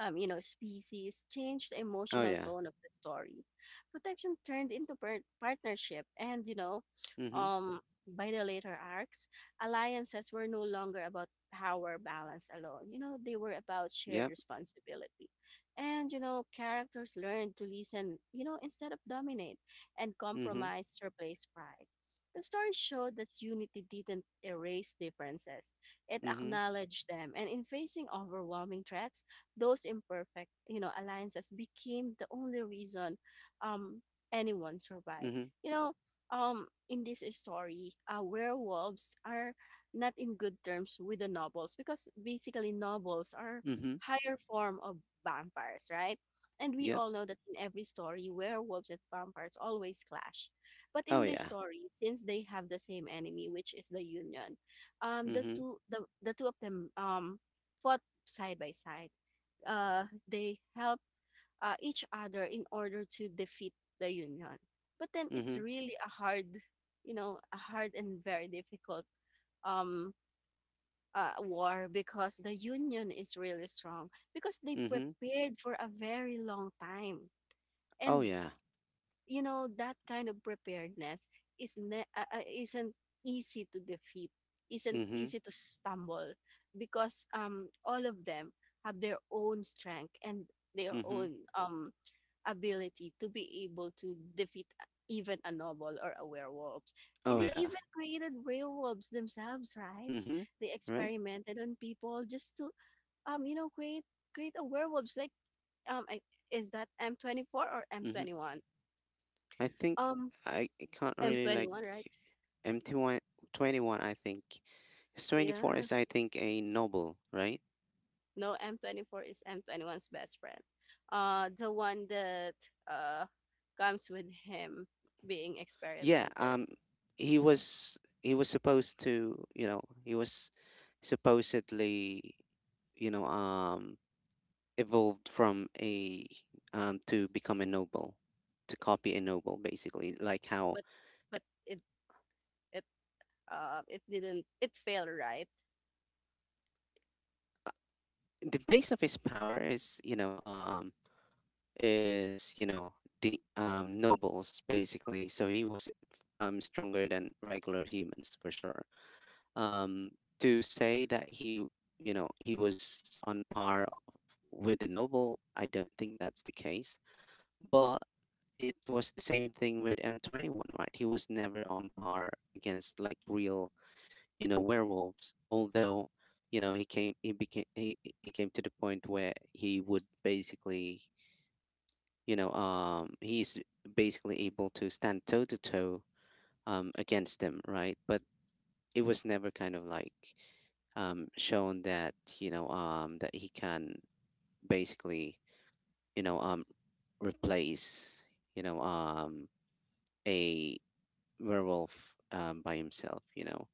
Speaker 2: species changed the
Speaker 1: Oh
Speaker 2: emotional
Speaker 1: yeah.
Speaker 2: tone of the story. Protection turned into partnership, and
Speaker 1: Mm-hmm.
Speaker 2: um, by the later arcs, alliances were no longer about power balance alone. They were about shared
Speaker 1: Yep.
Speaker 2: responsibility, and characters learned to listen. Instead of dominate, and
Speaker 1: Mm-hmm.
Speaker 2: compromise replaced pride. The story showed that unity didn't erase differences. It
Speaker 1: Mm-hmm.
Speaker 2: acknowledged them, and in facing overwhelming threats, those imperfect alliances became the only reason um, anyone survived.
Speaker 1: Mm-hmm.
Speaker 2: You know, in this story, werewolves are not in good terms with the nobles because basically nobles are
Speaker 1: Mm-hmm.
Speaker 2: higher form of vampires, right? And we
Speaker 1: Yep.
Speaker 2: all know that in every story, werewolves and vampires always clash. But
Speaker 1: Oh
Speaker 2: in this
Speaker 1: yeah.
Speaker 2: story, since they have the same enemy, which is the Union, um, the
Speaker 1: Mm-hmm.
Speaker 2: two the, the two of them fought side by side. They help each other in order to defeat the union. But then it's
Speaker 1: Mm-hmm.
Speaker 2: really a hard and very difficult um, war because the union is really strong because they
Speaker 1: Mm-hmm.
Speaker 2: prepared for a very long time,
Speaker 1: Oh
Speaker 2: and
Speaker 1: yeah.
Speaker 2: that kind of preparedness isn't easy to defeat, isn't
Speaker 1: Mm-hmm.
Speaker 2: easy to stumble because all of them have their own strength and their
Speaker 1: Mm-hmm.
Speaker 2: own ability to be able to defeat even a noble or a werewolf.
Speaker 1: Oh
Speaker 2: They
Speaker 1: yeah.
Speaker 2: even created werewolves themselves, right?
Speaker 1: Mm-hmm.
Speaker 2: They
Speaker 1: Right?
Speaker 2: experimented on people just to um you know create create a werewolves like um I, is that M twenty four or M
Speaker 1: Mm-hmm.
Speaker 2: twenty one?
Speaker 1: I think
Speaker 2: Um
Speaker 1: I can't
Speaker 2: M
Speaker 1: really
Speaker 2: twenty
Speaker 1: like
Speaker 2: one, right?
Speaker 1: mt 121. 21 I think. It's 24
Speaker 2: Yeah.
Speaker 1: is I think a noble, right?
Speaker 2: No, M24 is M21's best friend. The one that uh comes with him being
Speaker 1: Yeah,
Speaker 2: experimented.
Speaker 1: um he was supposed to, you know, he was supposedly, you know, um evolved from a to become a noble, to copy a noble basically, like how
Speaker 2: But but it it it didn't it failed, right?
Speaker 1: the base of his power is, is you know the nobles, basically. So he was stronger than regular humans for sure, um, to say that he, you know, he was on with the noble, I don't think that's the case. But it was the same thing with M21, right? He was never on par against like real, you know, werewolves, although, you know, he came to the point where he would basically, he's basically able to stand toe to toe against them, right? But it was never kind of like shown that, that he can basically, you know um replace, you know um a werewolf by himself, you know.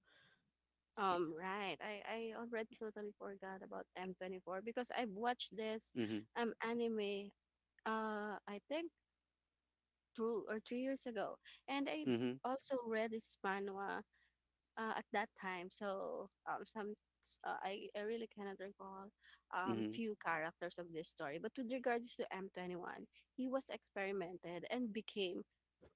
Speaker 2: Right, I already totally forgot about M24 because I've watched this
Speaker 1: Mhm.
Speaker 2: anime, I think 2 or 3 years ago, and I
Speaker 1: Mhm.
Speaker 2: also read this manhwa at that time. So some I really cannot recall
Speaker 1: Mhm.
Speaker 2: few characters of this story, but with regards to M21 he was experimented and became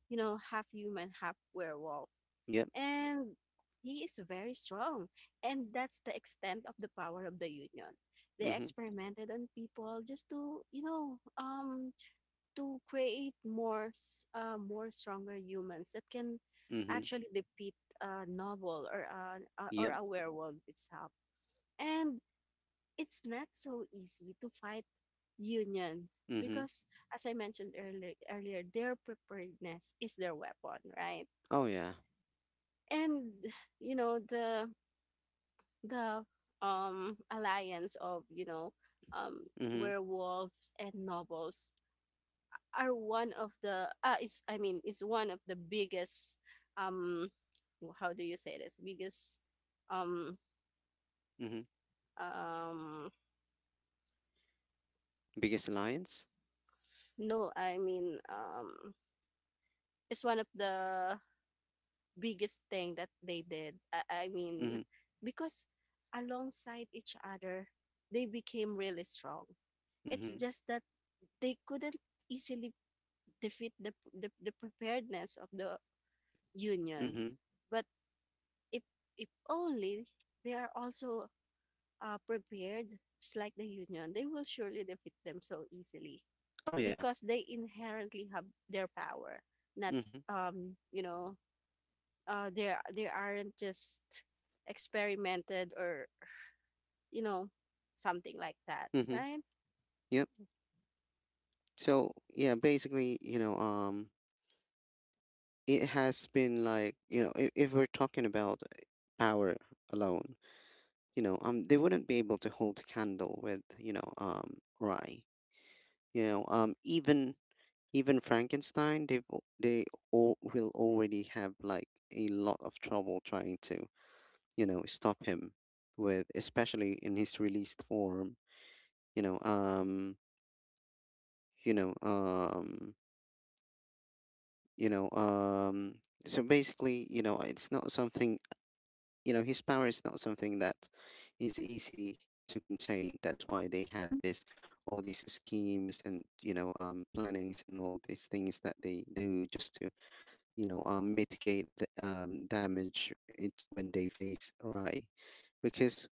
Speaker 2: half human half werewolf,
Speaker 1: Yep.
Speaker 2: and he is very strong. And that's the extent of the power of the union. They
Speaker 1: Mhm.
Speaker 2: experimented on people just to create more, more stronger humans that can
Speaker 1: Mhm.
Speaker 2: actually defeat a novel or a, a- or
Speaker 1: Yep.
Speaker 2: a werewolf itself. And it's not so easy to fight union
Speaker 1: Mhm.
Speaker 2: because, as I mentioned earlier, their preparedness is their weapon, right?
Speaker 1: Oh yeah.
Speaker 2: And you know the the alliance of um
Speaker 1: Mhm.
Speaker 2: werewolves and nobles are one of the is I mean, is one of the biggest um how do you say this biggest um
Speaker 1: Mhm.
Speaker 2: um
Speaker 1: Biggest alliance.
Speaker 2: no I mean, it's one of the biggest thing that they did, I mean,
Speaker 1: Mhm.
Speaker 2: because alongside each other they became really strong. It's
Speaker 1: Mhm.
Speaker 2: just that they couldn't easily defeat the preparedness of the union.
Speaker 1: Mhm.
Speaker 2: But if if only they are also prepared, just like the union, they will surely defeat them so easily
Speaker 1: Oh yeah.
Speaker 2: because they inherently have their power. Not.
Speaker 1: Mhm.
Speaker 2: um, you know, they aren't just experimented or you know something like that,
Speaker 1: Mhm.
Speaker 2: right?
Speaker 1: Yep. So yeah, basically, it has been like, you know, if we're talking about power alone, they wouldn't be able to hold a candle with, Rye. Even Frankenstein, they all will already have like a lot of trouble trying to, you know, stop him with, especially in his released form. You know, you know, you know So basically, you know, it's not something, you know, his power is not something that is easy to contain. That's why they had this all these schemes and, plannings and all these things that they do just to, mitigate the damage it, when they face Rai, because,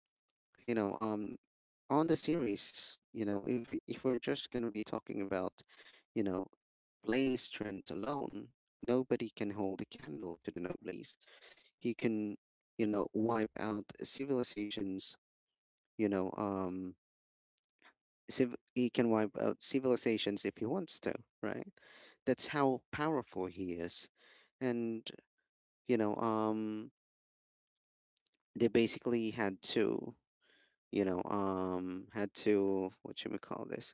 Speaker 1: you know um on the series, you know, if we're just going to be talking about, you know, plain strength alone, nobody can hold a candle to the nobles. He can, you know, wipe out civilizations, you know, um, he can wipe out civilizations if he wants to, right? That's how powerful he is. And, you know, um, they basically had to, had to, what should we call this?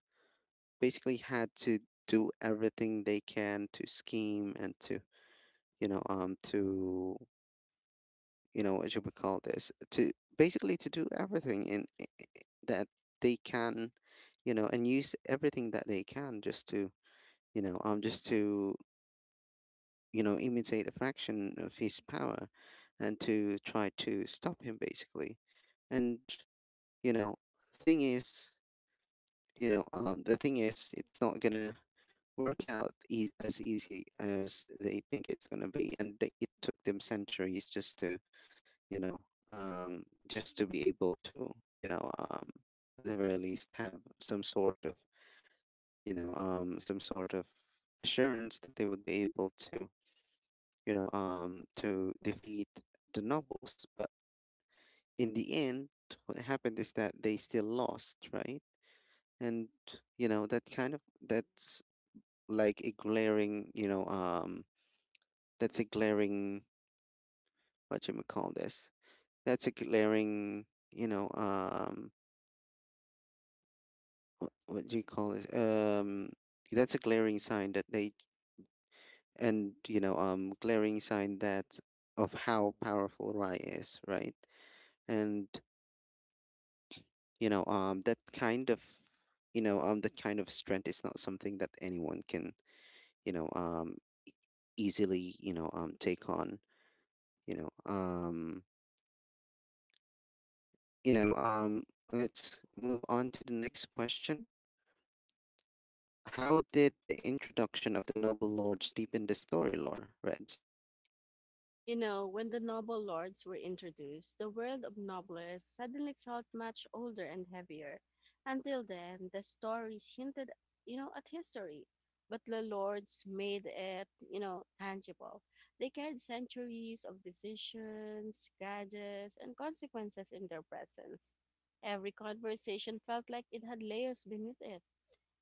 Speaker 1: Basically had to do everything they can to scheme and to, to you know what you would call this, to basically to do everything in that they can, you know, and use everything that they can just to, just to, you know, imitate a fraction of his power and to try to stop him, basically. And you know thing is the thing is, it's not gonna work out eas as easy as they think it's gonna be, and it took them centuries just to, just to be able to, at the very least have some sort of, some sort of assurance that they would be able to, to defeat the nobles. But in the end, what happened is that they still lost, right? And you know, that's like a glaring, that's a glaring, what you call this? That's a glaring, what do you call this? That's a glaring sign that they and glaring sign that of how powerful Rai is, right? And, that kind of that kind of strength is not something that anyone can, you know um easily, take on. You know um you know um let's move on to the next question. How did the introduction of the noble lords deepen the story lore, Reds?
Speaker 2: When the noble lords were introduced, the world of nobles suddenly felt much older and heavier. Until then, the stories hinted at history. But the lords made it tangible. They carried centuries of decisions, grudges, and consequences in their presence. Every conversation felt like it had layers beneath it,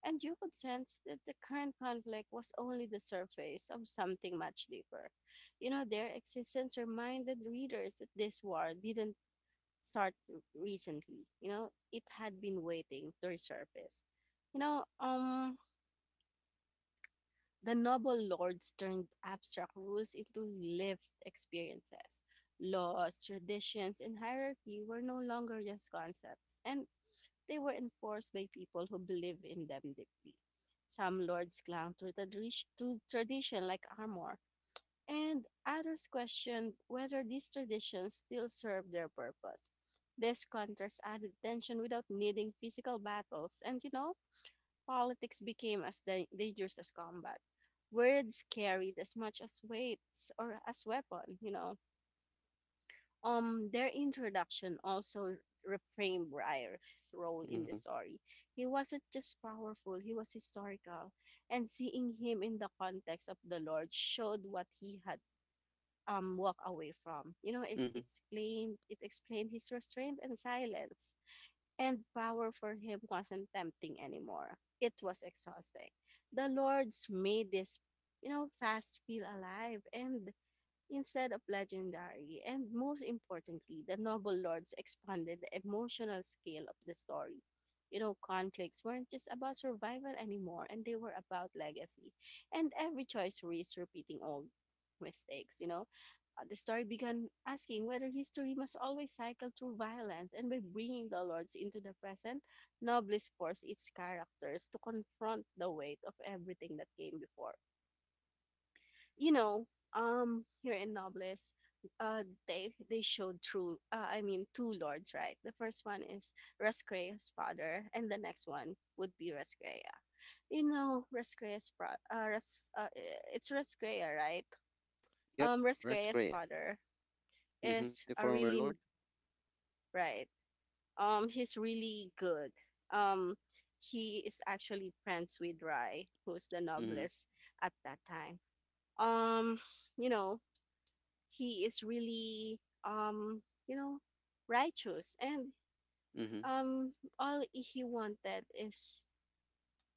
Speaker 2: and you could sense that the current conflict was only the surface of something much deeper. Their existence reminded readers that this war didn't start recently. It had been waiting to resurface. You know, um, the noble lords turned abstract rules into lived experiences. Laws, traditions, and hierarchy were no longer just concepts, and they were enforced by people who believed in them deeply. Some lords clung to tradition like armor, and others questioned whether these traditions still served their purpose. This contrast added tension without needing physical battles, and politics became as dangerous as combat. Words carried as much as weights or as weapon. Their introduction also reframed Breyer's role in the
Speaker 1: Mm-hmm.
Speaker 2: story. He wasn't just powerful, he was historical. And seeing him in the context of the Lord showed what he had walked away from. You know, it
Speaker 1: Mm-hmm.
Speaker 2: explained it explained his restraint and silence. And power for him wasn't tempting anymore. It was exhausting. The Lord's made this fast feel alive and instead of legendary, and most importantly, the noble lords expanded the emotional scale of the story. Conflicts weren't just about survival anymore, and they were about legacy. And every choice risks repeating old mistakes. The story began asking whether history must always cycle through violence, and by bringing the lords into the present, Nobles forced its characters to confront the weight of everything that came before. you know, Here in Nobles, they showed true. I mean, two lords, right? The first one is Rescrea's father, and the next one would be Rescrea. You know, Rescrea's fra- uh, Res- uh, it's Rescrea, right?
Speaker 1: Yep.
Speaker 2: Rescrea's
Speaker 1: Rascrea.
Speaker 2: father
Speaker 1: Mm-hmm.
Speaker 2: is
Speaker 1: The
Speaker 2: a
Speaker 1: former
Speaker 2: really.
Speaker 1: lord.
Speaker 2: Right. He's really good. Um, he is actually friends with Rai, who's the
Speaker 1: Mm-hmm.
Speaker 2: noblest at that time. Um, you know, he is really um you know righteous, and
Speaker 1: Mm-hmm.
Speaker 2: um all he wanted is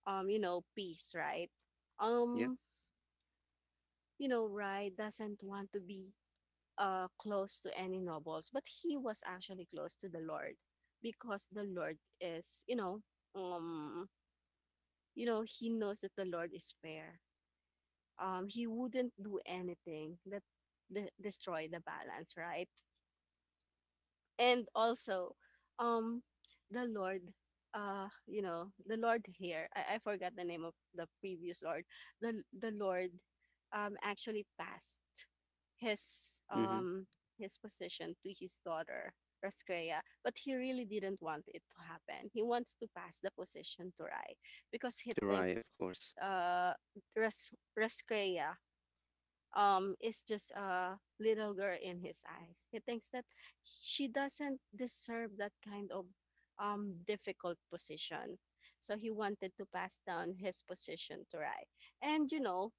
Speaker 2: peace, right?
Speaker 1: Yep.
Speaker 2: um Rai doesn't want to be close to any nobles, but he was actually close to the lord because the lord is um he knows that the lord is fair. He wouldn't do anything that destroy the balance, right? And also, um the lord the lord here, I forgot the name of the previous lord. The lord actually passed his
Speaker 1: Mm-hmm.
Speaker 2: um his position to his daughter Raskrea, but he really didn't want it to happen. He wants to pass the position to Rai because he
Speaker 1: Tirai,
Speaker 2: thinks
Speaker 1: of course.
Speaker 2: uh Raskrea is just a little girl in his eyes. He thinks that she doesn't deserve that kind of difficult position. So he wanted to pass down his position to Rai. And you know,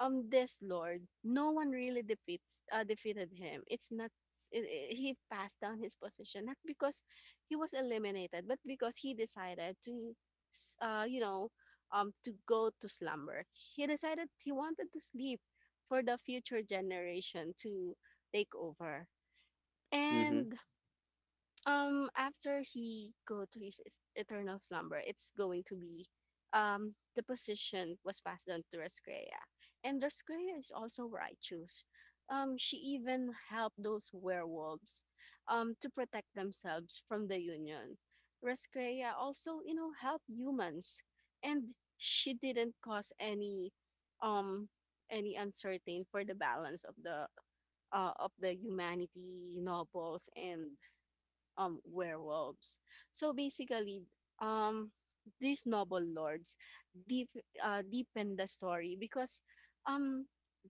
Speaker 2: um this lord, no one really defeats defeated him. It's not it, it- he passed down his position not because he was eliminated but because he decided to you know to go to slumber. He decided he wanted to sleep for the future generation to take over,
Speaker 1: Mm-hmm.
Speaker 2: and after he go to his eternal slumber, it's going to be, the position was passed on to Rescrea, and Rescrea is also righteous. She even helped those werewolves to protect themselves from the Union. Rescrea also helped humans, and she didn't cause um, any uncertain for the balance of the humanity nobles and werewolves. So basically, um these noble lords deep deepen the story because um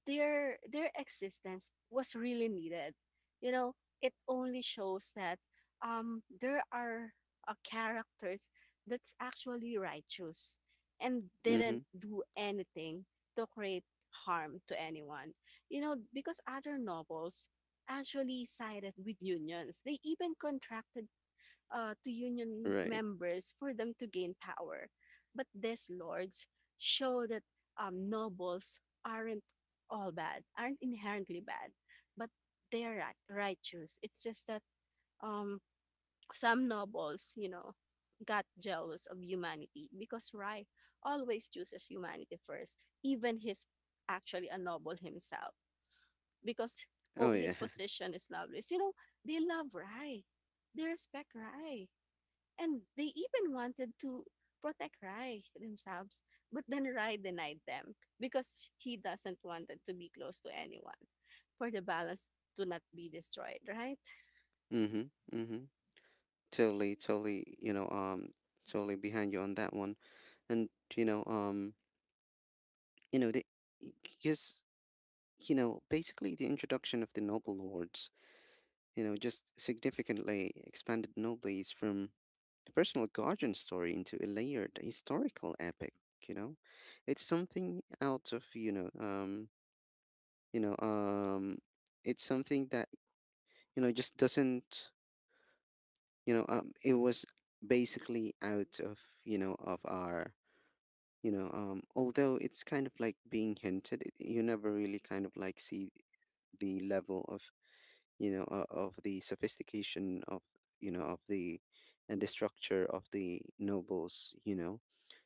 Speaker 2: their existence was really needed. You know, it only shows that there are characters that's actually righteous and
Speaker 1: Mm-hmm.
Speaker 2: didn't do anything to create harm to anyone, because other novels actually sided with unions. They even contracted to union
Speaker 1: Right.
Speaker 2: members for them to gain power. But these lords show that nobles aren't all bad, aren't inherently bad, but they're righteous. It's just that um, some nobles got jealous of humanity because Rai always chooses humanity first, even he's actually a noble himself because, oh,
Speaker 1: Oh
Speaker 2: his
Speaker 1: yeah.
Speaker 2: position is Lovelace. They love Rai. They respect Rai. And they even wanted to protect Rai themselves. But then Rai denied them because he doesn't want it to be close to anyone for the balance to not be destroyed, right?
Speaker 1: Mm-hmm. Mm-hmm. Totally, totally, totally behind you on that one. And you know, um, you know, the because you know, basically the introduction of the noble lords, you know, just significantly expanded nobles from the personal guardian story into a layered historical epic, you know? It's something out of, you know, um, it's something that, you know, just doesn't, it was basically out of, you know, of our, although it's kind of like being hinted, you never really kind of like see the level of, of the sophistication of, you know of the and the structure of the nobles, you know,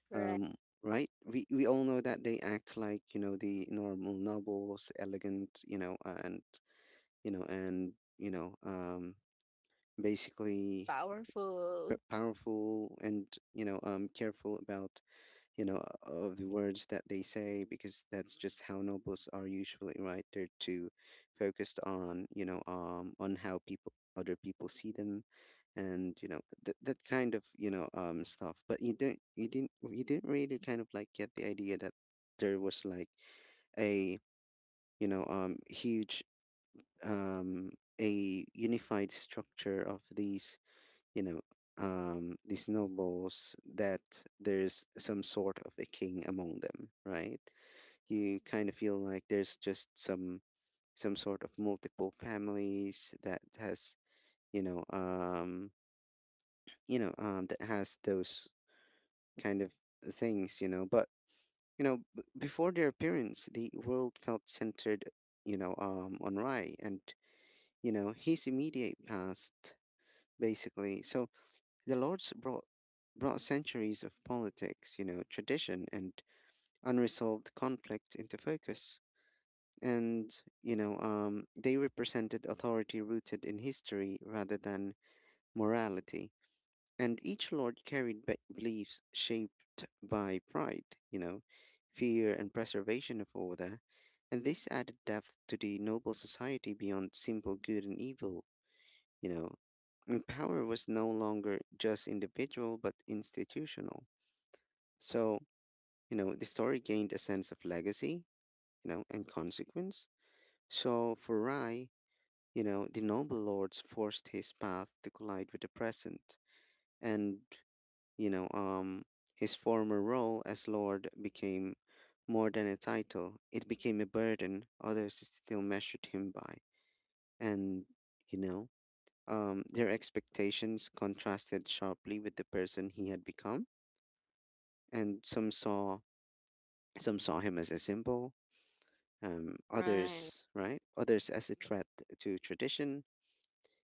Speaker 2: Right.
Speaker 1: um right? We all know that they act like, you know, the normal nobles, elegant, you know, and basically
Speaker 2: Powerful.
Speaker 1: powerful and, careful about, you know, of the words that they say because that's just how nobles are usually, right? They're too focused on, on how people other people see them, and, that kind of, stuff. But you don't, you didn't really kind of like get the idea that there was like a, huge um a unified structure of these, you know, the snowballs, that there's some sort of a king among them, right? You kind of feel like there's just some sort of multiple families that has, you know um that has those kind of things, you know. But, you know, before their appearance, the world felt centered, on Rai and, you know, his immediate past, basically. So the lords brought centuries of politics, you know, tradition and unresolved conflict into focus. And, they represented authority rooted in history rather than morality. And each lord carried beliefs shaped by pride, you know, fear and preservation of order. And this added depth to the noble society beyond simple good and evil, you know. And power was no longer just individual but institutional. So, you know, the story gained a sense of legacy, you know, and consequence. So for Rai, you know, the noble lords forced his path to collide with the present. And, you know, um, his former role as lord became more than a title, it became a burden others still measured him by. And, you know, their expectations contrasted sharply with the person he had become. And some saw him as a symbol,
Speaker 2: Right.
Speaker 1: others, right? Others as a threat to tradition.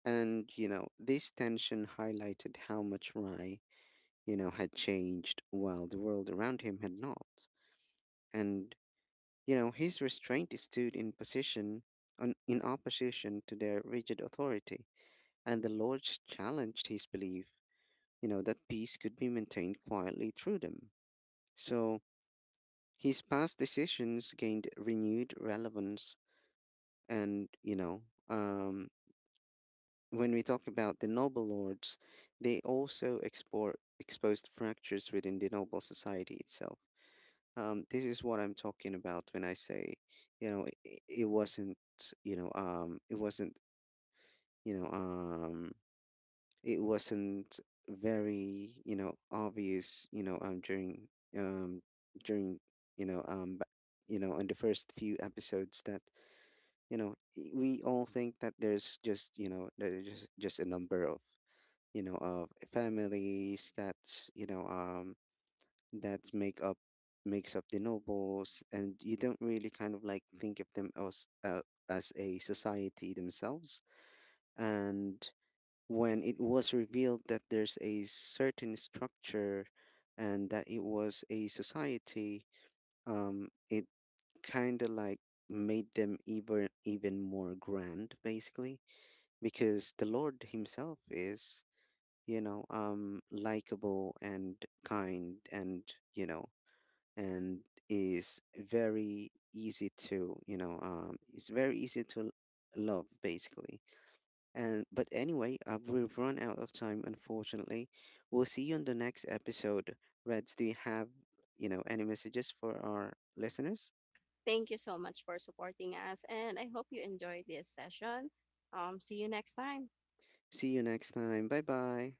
Speaker 1: And, you know, this tension highlighted how much Rai, you know, had changed while the world around him had not. And, you know, his restraint stood in position in opposition to their rigid authority. And the lords challenged his belief, you know, that peace could be maintained quietly through them. So his past decisions gained renewed relevance. And, um, when we talk about the noble lords, they also exposed fractures within the noble society itself. This is what I'm talking about when I say, you know, it wasn't, it wasn't, you know, um, it wasn't very, you know, obvious, um, during, you know, um, ba- you know, in the first few episodes that, you know, we all think that there's just, you know, there's just a number of, you know, of families that, you know um that makes up the nobles, and you don't really kind of like think of them as a society themselves. And when it was revealed that there's a certain structure and that it was a society, it kind of like made them even more grand, basically, because the lord himself is, likable and kind, and, you know, and is very easy to, it's very easy to love, basically. And, but anyway, we've run out of time, unfortunately. We'll see you on the next episode. Reds, do you have, you know, any messages for our listeners?
Speaker 2: Thank you so much for supporting us. And I hope you enjoyed this session. See you next time.
Speaker 1: See you next time. Bye bye.